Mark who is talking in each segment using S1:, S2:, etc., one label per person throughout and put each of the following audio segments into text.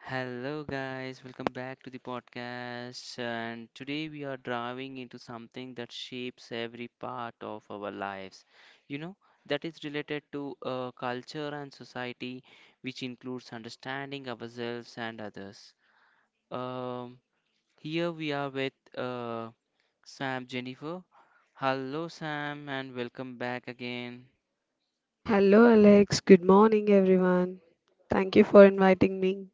S1: Hello, guys, welcome back to the podcast. And today we are driving into something that shapes every part of our lives, you know, that is related to culture and society, which includes understanding ourselves and others. Um, here we are with Sam Jennifer. Hello, Sam, and welcome back again.
S2: Hello, Alex. Good morning, everyone. Thank you for inviting me.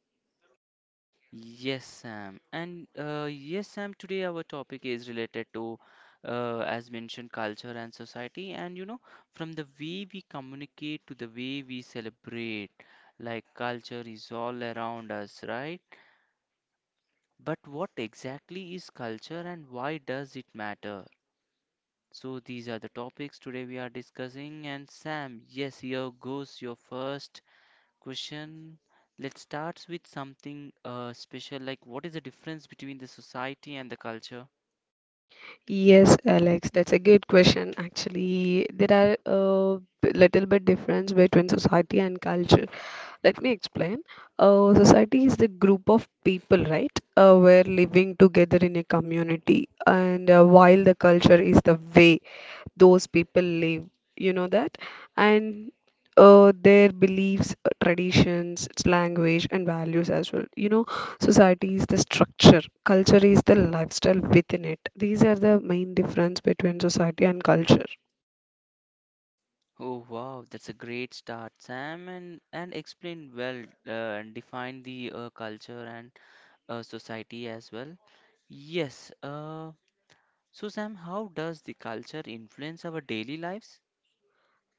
S1: Yes, Sam. And yes, Sam, today our topic is related to, as mentioned, culture and society. And you know, from the way we communicate to the way we celebrate, like culture is all around us, right? But what exactly is culture and why does it matter? So, these are the topics today we are discussing. And Sam, yes, here goes your first question. Let's start with something special, like what is the difference between the society and the culture?
S2: Yes, Alex, that's a good question. Actually, there are a little bit difference between society and culture. Let me explain. Society is the group of people, right? We're living together in a community, and while the culture is the way those people live, you know that and their beliefs, traditions, its language, and values as well. You know, society is the structure, culture is the lifestyle within it. These are the main difference between society and culture.
S1: Oh wow, that's a great start, Sam, and explain well, and define the culture and society as well. Yes, so Sam, how does the culture influence our daily lives?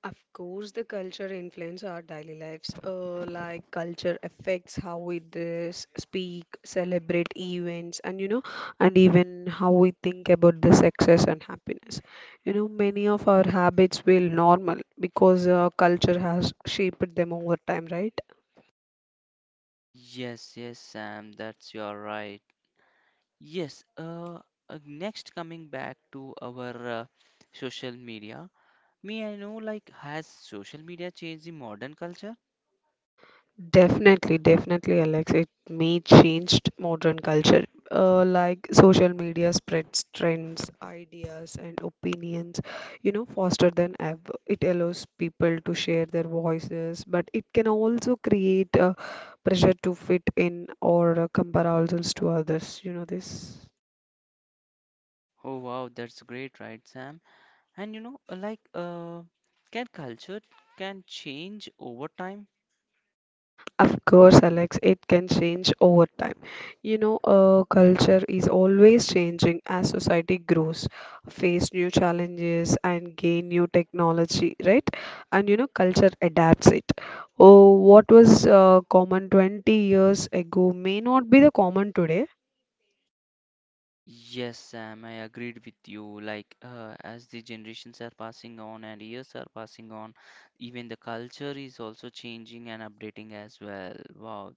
S2: Of course, the culture influence our daily lives. Like culture affects how we dress, speak, celebrate events, and even how we think about the success and happiness. You know, many of our habits feel normal because culture has shaped them over time, right?
S1: Yes, yes, Sam, that's you're right. Yes, next coming back to our social media. Me, I know, like, has social media changed the modern culture?
S2: Definitely, definitely, Alex. It may changed modern culture. Like social media spreads trends, ideas, and opinions, faster than ever. It allows people to share their voices, but it can also create, pressure to fit in or compare ourselves to others. You know this.
S1: Oh, wow, that's great, right, Sam? And you know, like, can culture can change over time?
S2: Of course, Alex, it can change over time. Culture is always changing as society grows, face new challenges, and gain new technology, right? And you know, culture adapts it. Oh, what was common 20 years ago may not be the common today.
S1: Yes, Sam, I agreed with you. Like, as the generations are passing on and years are passing on, even the culture is also changing and updating as well. Wow.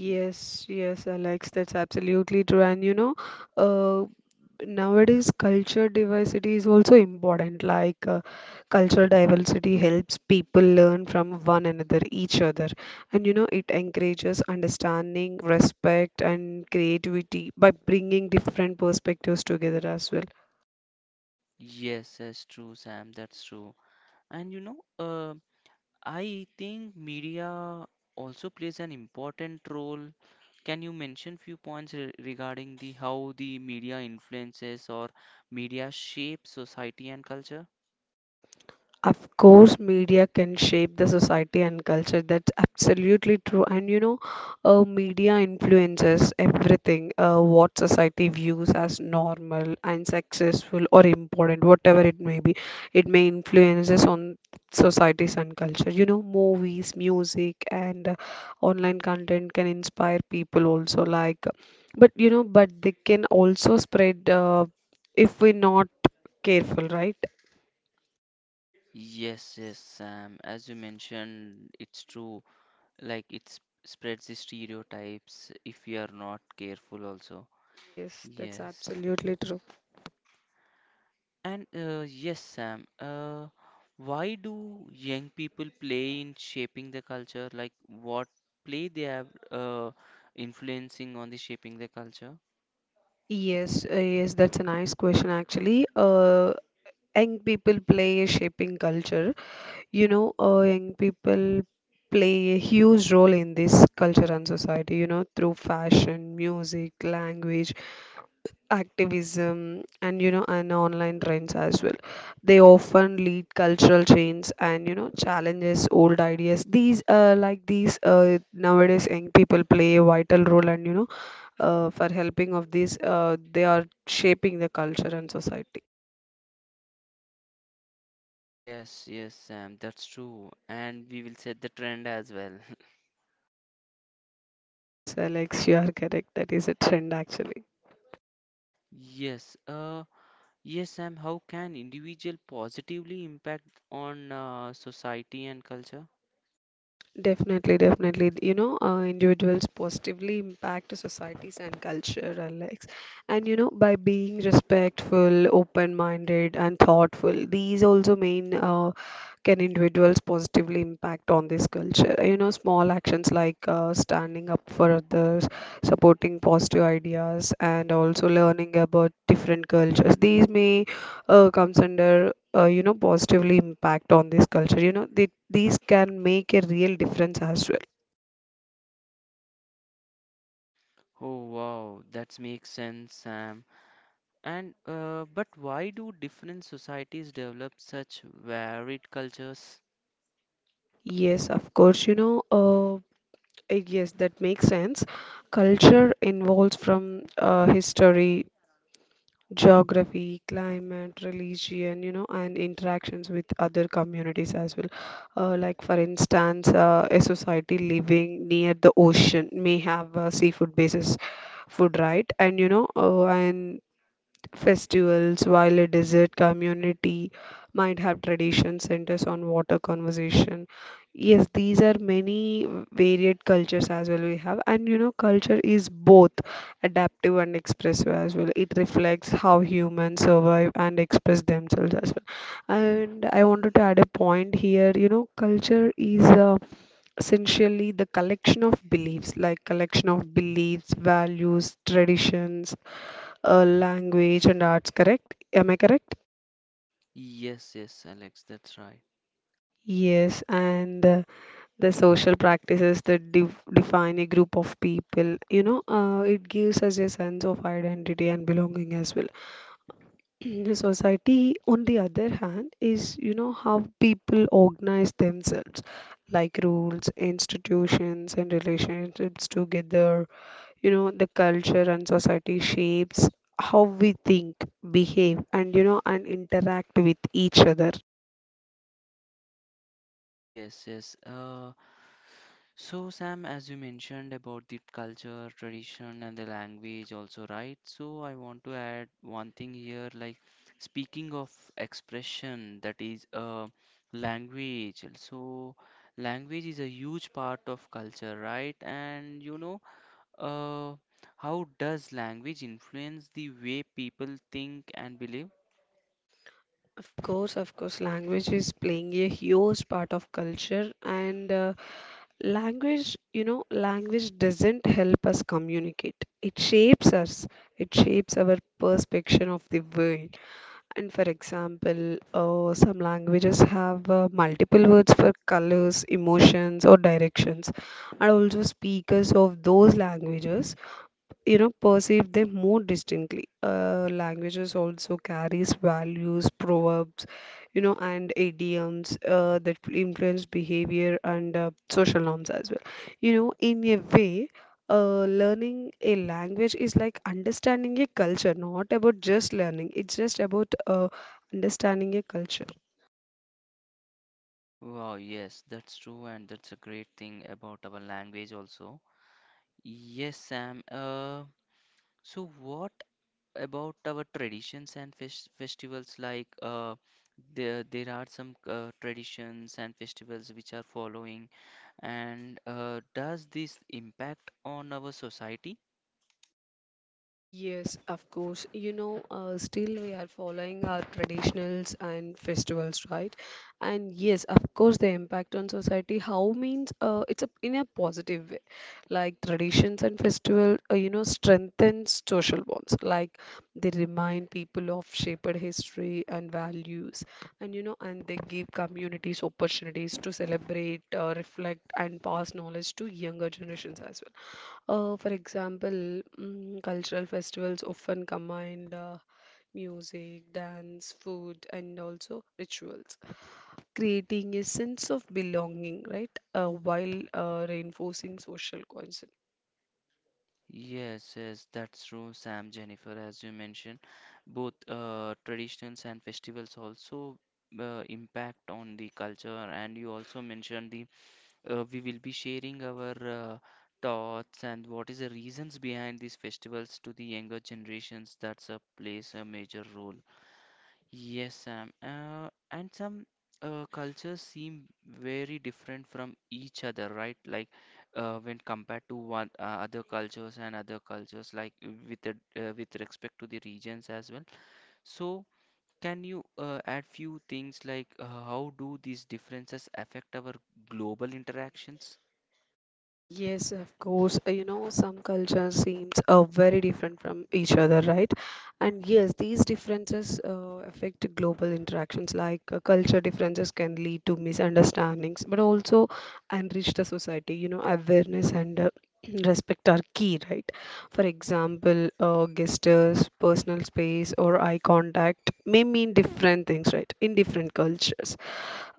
S1: Y- Yes,
S2: yes, Alex, that's absolutely true. And uh, nowadays culture diversity is also important, like cultural diversity helps people learn from one another, each other. And you know, it encourages understanding, respect, and creativity by bringing different perspectives together as well.
S1: yes, that's true, Sam. That's true. And you know, I think media also plays an important role. Can you mention few points regarding the how the media influences or media shapes society and culture?
S2: Of course, media can shape the society and culture. That's absolutely true. And media influences everything, what society views as normal and successful or important, whatever it may be. It may influences on societies and culture. You know, movies, music, and online content can inspire people also. But they can also spread, if we're not careful, right?
S1: Yes, yes, Sam. As you mentioned, it's true. Like it spreads the stereotypes if we are not careful also.
S2: Yes, that's
S1: Yes.
S2: absolutely true.
S1: And yes, Sam, why do young people play in shaping the culture? Like what play they have influencing on the shaping the culture?
S2: Yes, yes, that's a nice question actually. Young people play a shaping culture. Young people play a huge role in this culture and society, you know, through fashion, music, language, activism, and you know and online trends as well. They often lead cultural change, and challenges old ideas. These, nowadays young people play a vital role, and for helping of this, they are shaping the culture and society.
S1: Yes, yes, Sam, that's true. And we will set the trend as well.
S2: Yes, Alex, you are correct. That is a trend actually.
S1: Yes, yes, Sam, how can individual positively impact on society and culture?
S2: Definitely, definitely. Individuals positively impact societies and culture, Alex. And you know, by being respectful, open-minded, and thoughtful, these also mean, can individuals positively impact on this culture. You know, small actions like standing up for others, supporting positive ideas, and also learning about different cultures. These may, comes under, positively impact on this culture. You know, these can make a real difference as well.
S1: Oh, wow, that makes sense, Sam. And but why do different societies develop such varied cultures?
S2: Yes, of course. Yes, that makes sense. Culture involves from history, geography, climate, religion, you know, and interactions with other communities as well. Like, for instance, a society living near the ocean may have a seafood basis food, right? And festivals, while a desert community might have tradition centers on water conservation. Yes, these are many varied cultures as well we have, and you know, culture is both adaptive and expressive as well. It reflects how humans survive and express themselves as well. And I wanted to add a point here. You know, culture is essentially the collection of beliefs, like collection of beliefs, values, traditions, language, and arts, correct? Am I correct?
S1: Yes, yes, Alex, that's right.
S2: Yes, and the social practices that define a group of people, you know, it gives us a sense of identity and belonging as well. The society, on the other hand, is, you know, how people organize themselves, like rules, institutions, and relationships together. You know, the culture and society shapes how we think, behave, and interact with each other.
S1: Yes, yes. So, Sam, as you mentioned about the culture, tradition, and the language, also, right? So, I want to add one thing here, like speaking of expression, that is, language. So, language is a huge part of culture, right? And you know, Uh, how does language influence the way people think and believe?
S2: Of course, language is playing a huge part of culture, and language doesn't help us communicate. It shapes us, it shapes our perception of the world. And for example, some languages have multiple words for colors, emotions, or directions, and also speakers of those languages perceive them more distinctly. Languages also carries values, proverbs, and idioms, that influence behavior and social norms as well. In a way, learning a language is like understanding a culture, not about just learning. It's just about understanding a culture.
S1: Wow, yes, that's true, and that's a great thing about our language also. Yes, Sam. So what about our traditions and festivals? Like, there are some traditions and festivals which are following, and does this impact on our society?
S2: Yes, of course. Still we are following our traditionals and festivals, right? And yes, of course, the impact on society, how means, it's a, in a positive way. Like traditions and festival, you know, strengthens social bonds. Like they remind people of shaped history and values, and they give communities opportunities to celebrate, reflect, and pass knowledge to younger generations as well. For example, cultural festivals often combine music, dance, food, and also rituals, creating a sense of belonging, right? While reinforcing social cohesion.
S1: Yes, yes, that's true, Sam, Jennifer, as you mentioned, both traditions and festivals also impact on the culture. And you also mentioned the we will be sharing our uh, thoughts and what is the reasons behind these festivals to the younger generations. That's a plays a major role. Yes, Sam. And some cultures seem very different from each other, right? Like when compared to one other cultures and other cultures, like with the, with respect to the regions as well. So, can you add few things like how do these differences affect our global interactions?
S2: Yes, of course. You know, some culture seems very different from each other, right? And yes, these differences, affect global interactions. Like, culture differences can lead to misunderstandings, but also enrich the society. You know, awareness and, respect are key, right? For example, gestures, personal space, or eye contact may mean different things, right? In different cultures,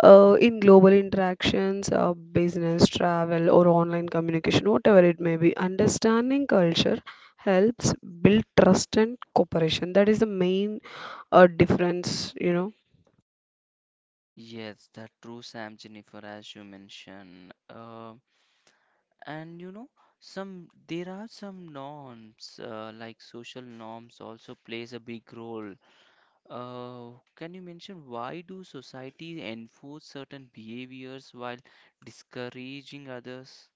S2: in global interactions, business, travel, or online communication, whatever it may be, understanding culture helps build trust and cooperation. That is the main, difference, you know.
S1: Yes, that's true, Sam Jennifer, as you mentioned. And you know, some there are some norms, like social norms also plays a big role. Uh, can you mention why do societies enforce certain behaviors while discouraging others?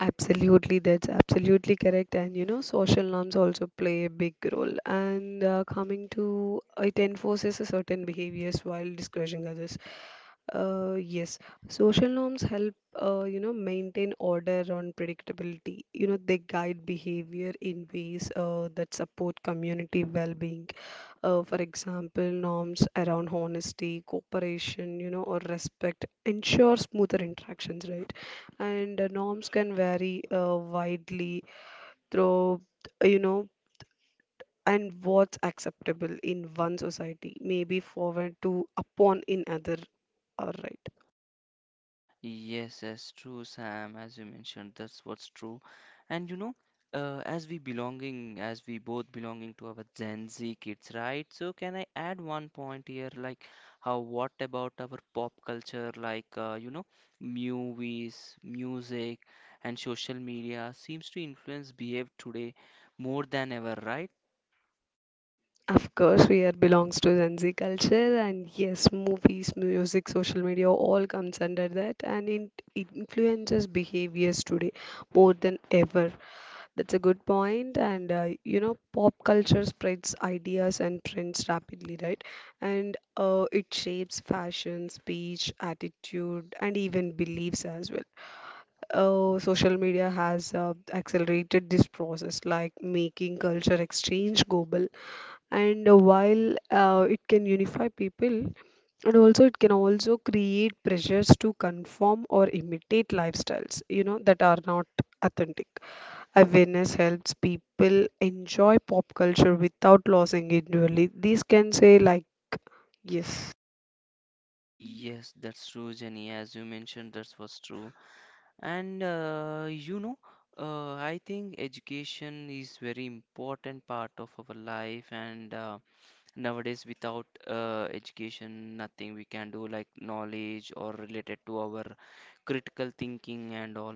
S2: Absolutely, that's absolutely correct. And you know, social norms also play a big role. And coming to it enforces a certain behaviors while discouraging others. Yes, social norms help, you know, maintain order and predictability. You know, they guide behavior in ways, that support community well-being. For example, norms around honesty, cooperation, you know, or respect ensure smoother interactions, right? And norms can vary widely through, you know, and what's acceptable in one society may be forward to upon in other. All right.
S1: Yes, that's true, Sam. As you mentioned, that's what's true. And you know, as we belonging, as we both belonging to our Gen Z kids, right? So can I add one point here, like how what about our pop culture, like you know, movies, music, and social media seems to influence behave today more than ever, right?
S2: Of course, we are belongs to Gen Z culture, and yes, movies, music, social media all comes under that, and, in, it influences behaviors today more than ever. That's a good point, and you know, pop culture spreads ideas and trends rapidly, right? And it shapes fashion, speech, attitude, and even beliefs as well. Social media has accelerated this process, like making culture exchange global. And while it can unify people and also it can also create pressures to conform or imitate lifestyles, that are not authentic. Awareness helps people enjoy pop culture without losing individually, these can say like, yes.
S1: Yes, that's true, Jenny. As you mentioned, that's what's true. And you know, I think education is very important part of our life. And nowadays, without education, nothing we can do like knowledge or related to our critical thinking and all.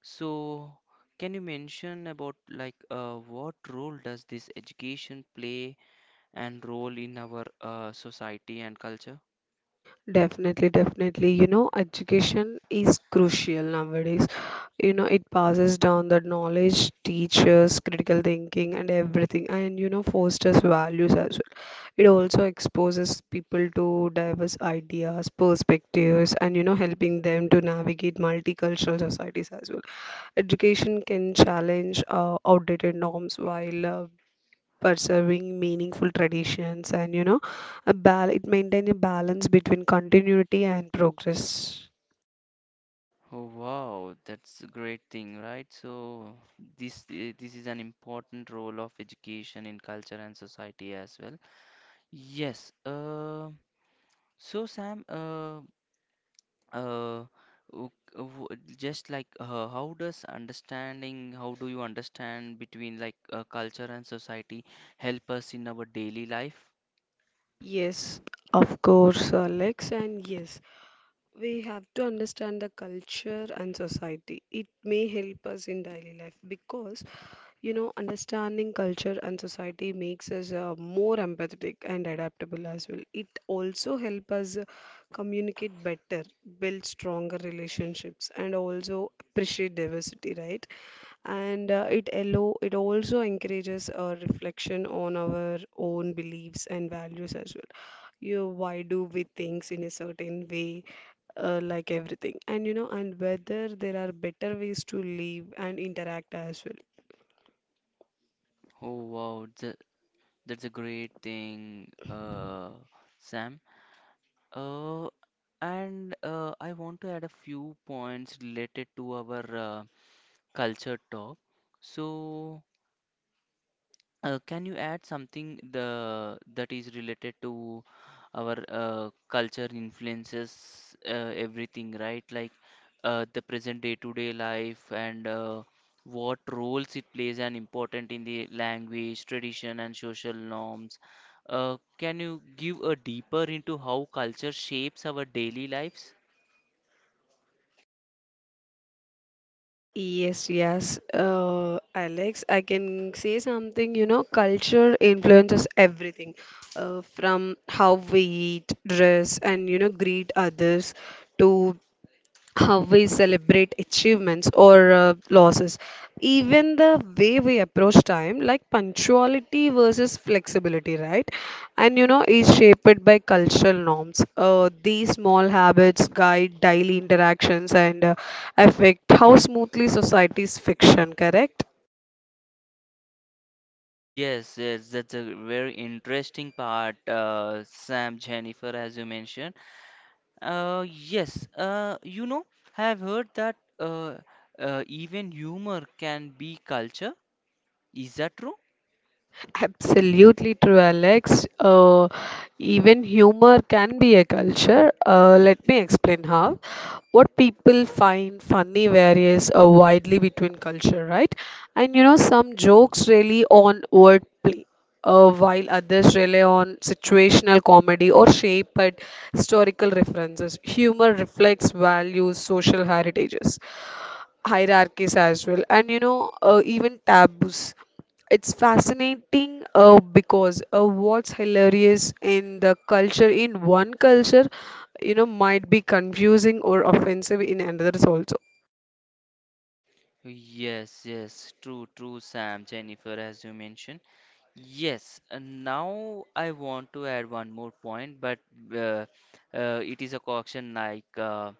S1: So, can you mention about like what role does this education play and role in our society and culture?
S2: Definitely, definitely. You know, education is crucial nowadays. You know, it passes down the knowledge, teaches critical thinking and everything, and you know, fosters values as well. It also exposes people to diverse ideas, perspectives, and you know, helping them to navigate multicultural societies as well. Education can challenge outdated norms while preserving meaningful traditions, and you know, a bal it maintain a balance between continuity and progress.
S1: Oh wow, that's a great thing, right? So this is an important role of education in culture and society as well. Yes. Uh, so Sam, uh, just like how does understanding, how do you understand between like culture and society help us in our daily life?
S2: Yes, of course, Alex, and yes, we have to understand the culture and society. It may help us in daily life because, you know, understanding culture and society makes us, more empathetic and adaptable as well. It also helps us communicate better, build stronger relationships, and also appreciate diversity, right? And it also encourages a reflection on our own beliefs and values as well. You why do we things in a certain way, like everything, and whether there are better ways to live and interact as well.
S1: Oh wow, that's a great thing, Sam. Uh, and I want to add a few points related to our culture talk. So, can you add something the that is related to our culture influences everything, right? Like the present day-to-day life and what roles it plays and important in the language, tradition, and social norms. Can you give a deeper into how culture shapes our daily lives?
S2: Yes, yes, Alex, I can say something. You know, culture influences everything, from how we eat, dress, and, you know, greet others to how we celebrate achievements or, losses. Even the way we approach time, like punctuality versus flexibility, right? And you know, is shaped by cultural norms. These small habits guide daily interactions, and affect how smoothly society's fiction. Correct?
S1: Yes, yes, that's a very interesting part, Sam, Jennifer, as you mentioned. Yes, you know, I have heard that even humor can be culture. Is that true?
S2: Absolutely true, Alex. Even humor can be a culture. Let me explain how. What people find funny varies widely between culture, right? And you know, some jokes rely on wordplay, while others rely on situational comedy or shaped historical references. Humor reflects values, social heritages, hierarchies as well, and even taboos. It's fascinating because what's hilarious in the culture in one culture, you know, might be confusing or offensive in another also.
S1: Yes, yes, true, true, Sam, Jennifer, as you mentioned. Yes, and now I want to add one more point, but uh, it is a caution like.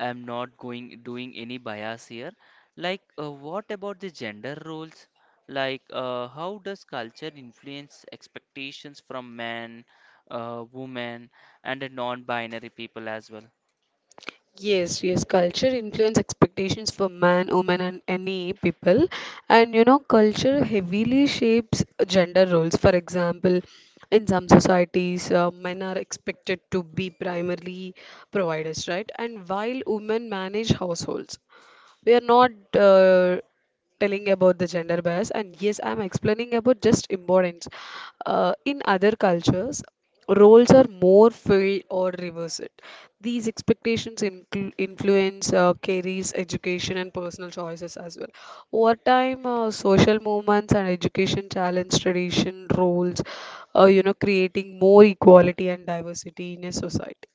S1: I'm not going doing any bias here. Like, what about the gender roles? Like, how does culture influence expectations from men, women, and the non-binary people as well?
S2: Yes, yes, culture influence expectations for man, woman, and any people. And you know, culture heavily shapes gender roles. For example, in some societies, men are expected to be primarily providers, right? And while women manage households we are not telling about the gender bias, and yes, I'm explaining about just importance in other cultures, roles are more filled or reversed. These expectations influence carries education and personal choices as well. Over time, social movements and education challenge tradition roles, you know, creating more equality and diversity in a society.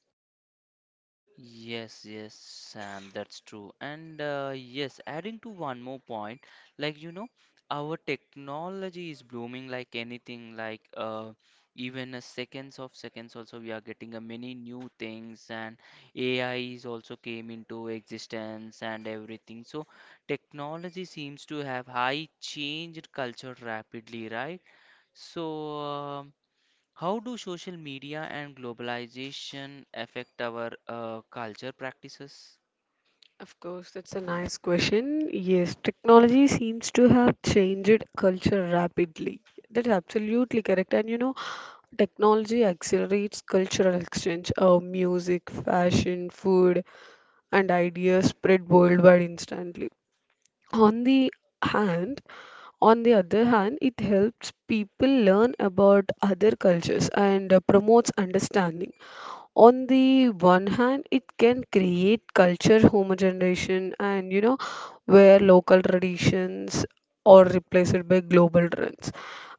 S1: Yes, yes, Sam, that's true. And yes, adding to one more point, like you know, our technology is blooming like anything, like even a seconds of seconds also we are getting a many new things and AI is also came into existence and everything. So technology seems to have high changed culture rapidly, right? So how do social media and globalization affect our culture practices?
S2: Of course, that's a nice question. Yes, technology seems to have changed culture rapidly. That's absolutely correct. And you know, technology accelerates cultural exchange of music, fashion, food, and ideas spread worldwide instantly. On the hand, on the other hand, it helps people learn about other cultures and promotes understanding. On the one hand, it can create culture homogenization, and you know, where local traditions are replaced by global trends.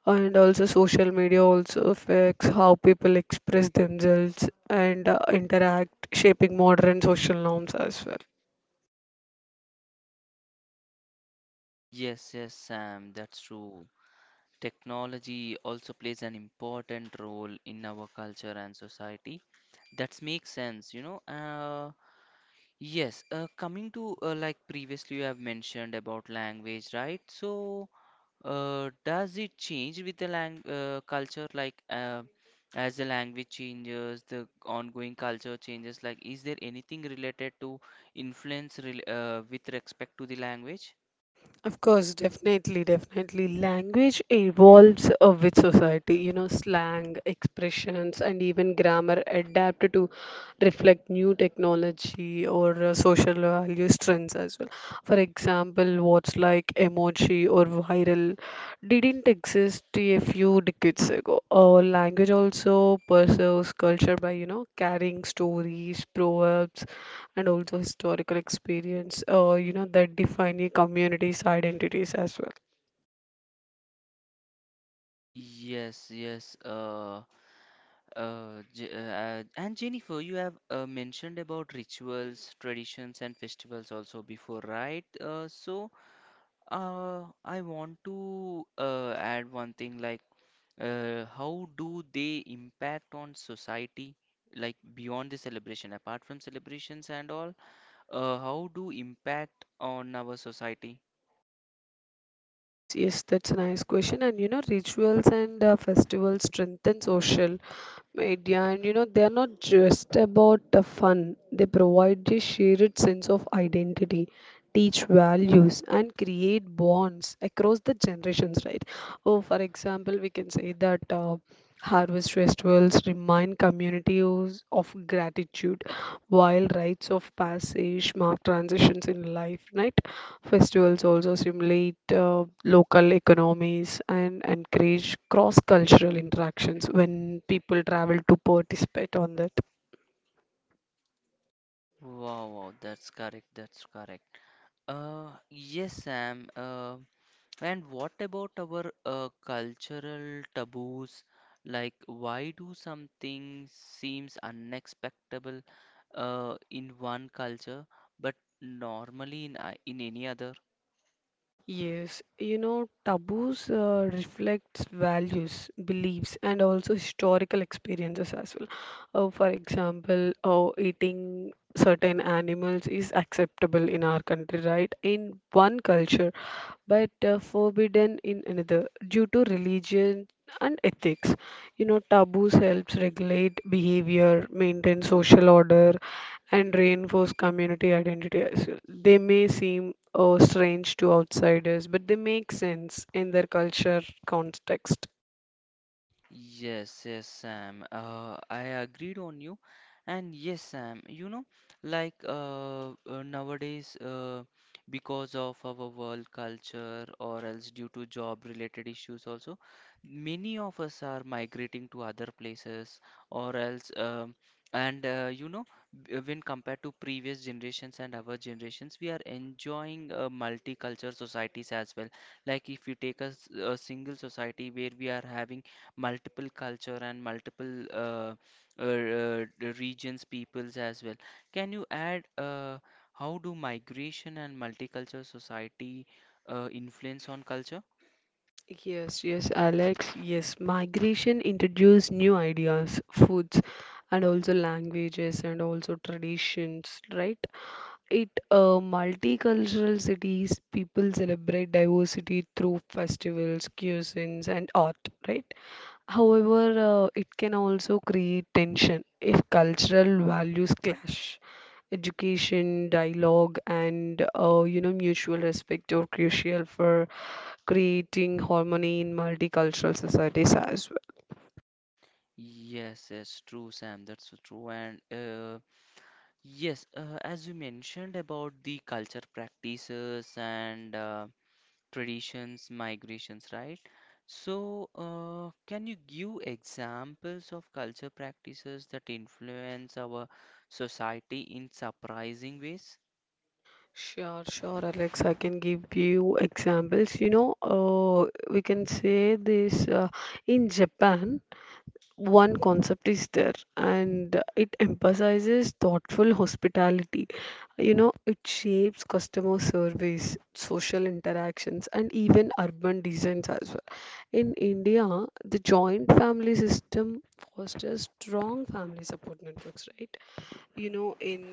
S2: And also, social media also affects how people express themselves and interact, shaping modern social norms as well.
S1: Yes, yes, Sam, that's true. Technology also plays an important role in our culture and society. That makes sense, you know. Yes, coming to like previously you have mentioned about language, right? So, does it change with the lang culture? Like, as the language changes, the ongoing culture changes. Like, is there anything related to influence rel with respect to the language?
S2: Of course, definitely, definitely. Language evolves with society, you know, slang, expressions, and even grammar adapt to reflect new technology or social values trends as well. For example, words like emoji or viral didn't exist a few decades ago. Or language also preserves culture by, you know, carrying stories, proverbs, and also historical experience, you know, that define your community's identities as well.
S1: Yes, yes. And Jennifer, you have mentioned about rituals, traditions, and festivals also before, right? So, I want to add one thing like how do they impact on society like beyond the celebration, apart from celebrations and all, how do impact on our society?
S2: Yes, yes, that's a nice question. And you know, rituals and festivals strengthen social media, and you know, they're not just about the fun. They provide a shared sense of identity, teach values, and create bonds across the generations, right? Oh, for example, we can say that harvest festivals remind communities of gratitude, while rites of passage mark transitions in life, right? Festivals also stimulate local economies and encourage cross-cultural interactions when people travel to participate on that.
S1: Wow, wow, that's correct, that's correct. Yes Sam, and what about our cultural taboos, like why do something seems unexpectable in one culture but normally in in any other?
S2: Yes, you know, taboos reflects values, beliefs, and also historical experiences as well. For example, eating certain animals is acceptable in our country, right? In one culture, but forbidden in another due to religion and ethics. You know, taboos helps regulate behavior, maintain social order, and reinforce community identity as well. They may seem strange to outsiders, but they make sense in their culture context.
S1: Yes, yes, Sam. I agreed on you. And yes, Sam, you know, like nowadays, because of our world culture or else due to job-related issues also, many of us are migrating to other places or else, and you know, when compared to previous generations and our generations, we are enjoying multicultural societies as well. Like if you take a single society where we are having multiple culture and multiple uh, uh, regions, peoples as well. Can you add how do migration and multicultural society influence on culture?
S2: Yes, yes, Alex. Yes, migration introduced new ideas, foods, and also languages, and also traditions, right? It a multicultural cities, people celebrate diversity through festivals, cuisines, and art, right? However, it can also create tension if cultural values clash. Education, dialogue, and you know, mutual respect are crucial for creating harmony in multicultural societies as well.
S1: Yes, yes, true, Sam. That's so true. And yes, as you mentioned about the culture practices and traditions, migrations, right? So, can you give examples of culture practices that influence our society in surprising ways?
S2: Sure, sure, Alex. I can give you examples. You know, we can say this in Japan, one concept is there, and it emphasizes thoughtful hospitality. You know, it shapes customer service, social interactions, and even urban designs as well. In India, the joint family system fosters strong family support networks, right? You know, in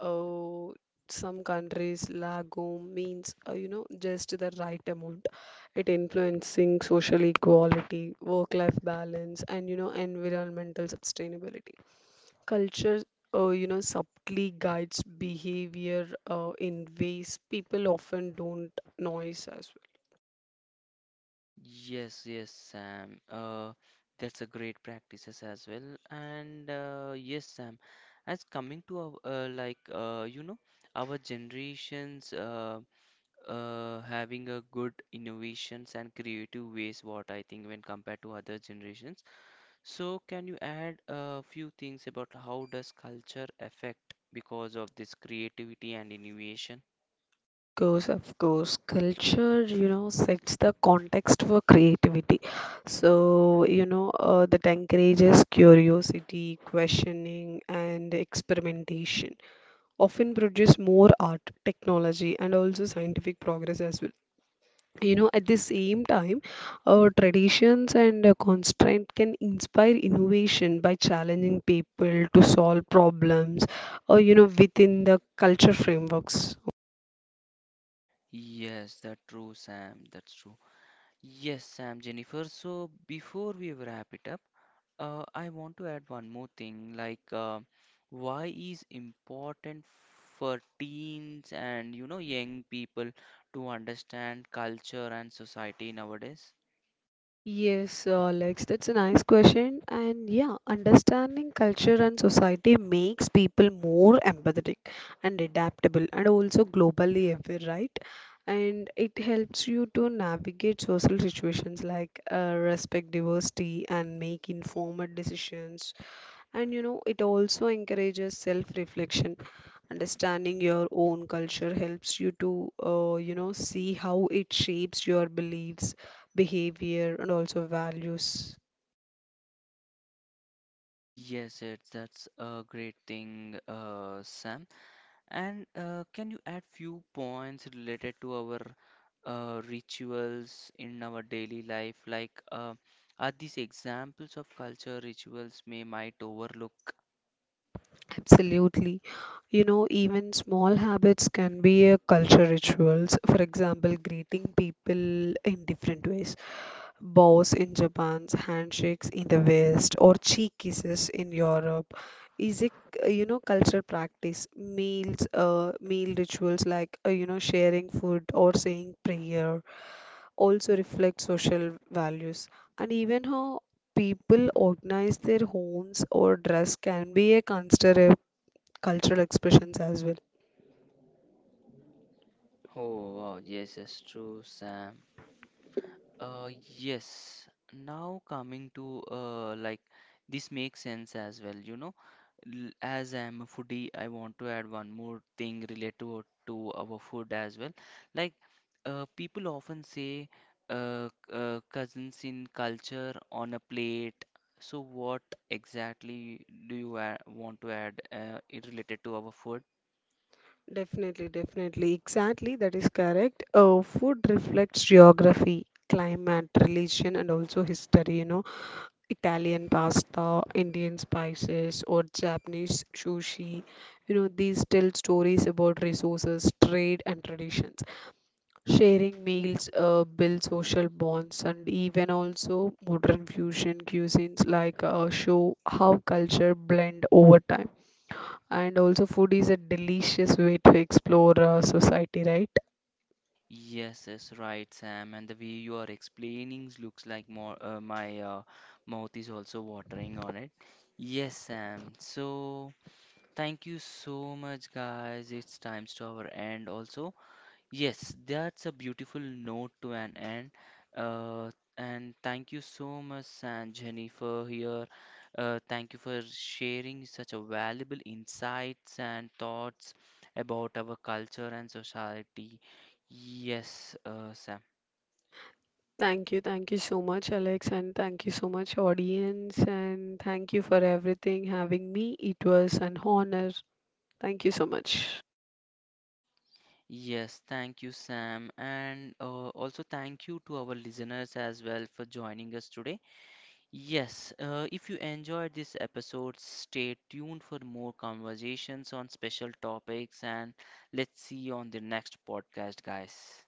S2: uh, some countries, lagom means, you know, just the right amount. It influencing social equality, work-life balance, and, you know, environmental sustainability. Culture, you know, subtly guides behavior in ways people often don't notice as well.
S1: Yes, yes, Sam. That's a great practices as well. And yes, Sam, as coming to our, like you know, our generations having a good innovations and creative ways, what I think when compared to other generations. So can you add a few things about how does culture affect because of this creativity and innovation?
S2: Of course, of course. Culture, you know, sets the context for creativity. So, you know, that encourages curiosity, questioning, and experimentation. Often produce more art, technology, and also scientific progress as well. You know, at the same time, traditions and constraint can inspire innovation by challenging people to solve problems, you know, within the culture frameworks.
S1: Yes, that's true, Sam. That's true. Yes, Sam, Jennifer. So before we wrap it up, I want to add one more thing, like why is important for teens and you know young people to understand culture and society nowadays?
S2: Yes, Alex, that's a nice question. And yeah, understanding culture and society makes people more empathetic and adaptable, and also globally aware, right? And it helps you to navigate social situations, like respect diversity and make informed decisions, and you know, it also encourages self reflection. Understanding your own culture helps you to, you know, see how it shapes your beliefs, behavior, and also values.
S1: Yes, it's that's a great thing, Sam. And can you add few points related to our rituals in our daily life? Like, are these examples of culture rituals may might overlook?
S2: Absolutely. You know, even small habits can be a culture rituals. For example, greeting people in different ways, bows in Japan, handshakes in the West, or cheek kisses in Europe, is it you know, cultural practice. Meals, meal rituals like you know, sharing food or saying prayer also reflect social values, and even how people organize their homes or dress can be a consider a cultural expressions as well.
S1: Oh, wow, yes, that's true, Sam. Yes. Now coming to like this makes sense as well, you know. As I'm a foodie, I want to add one more thing related to our food as well. Like, people often say cousins in culture on a plate. So, what exactly do you want to add it related to our food?
S2: Definitely, definitely. Exactly, that is correct. Food reflects geography, climate, religion, and also history. You know, Italian pasta, Indian spices, or Japanese sushi. You know, these tell stories about resources, trade, and traditions. Sharing meals build social bonds, and even also modern fusion cuisines like show how culture blend over time. And also, food is a delicious way to explore society, right?
S1: Yes, yes, right, Sam. And the way you are explaining looks like more, my mouth is also watering on it. Yes, Sam. So. Thank you so much, guys. It's times to our end also. Yes, that's a beautiful note to an end. Uh, and thank you so much, San Jenny, for here. Thank you for sharing such a valuable insights and thoughts about our culture and society. Yes, Sam.
S2: Thank you so much, Alex, and thank you so much, audience, and thank you for everything having me. It was an honor. Thank you so much.
S1: Yes, thank you, Sam. And also thank you to our listeners as well for joining us today. Yes, if you enjoyed this episode, stay tuned for more conversations on special topics and let's see you on the next podcast, guys.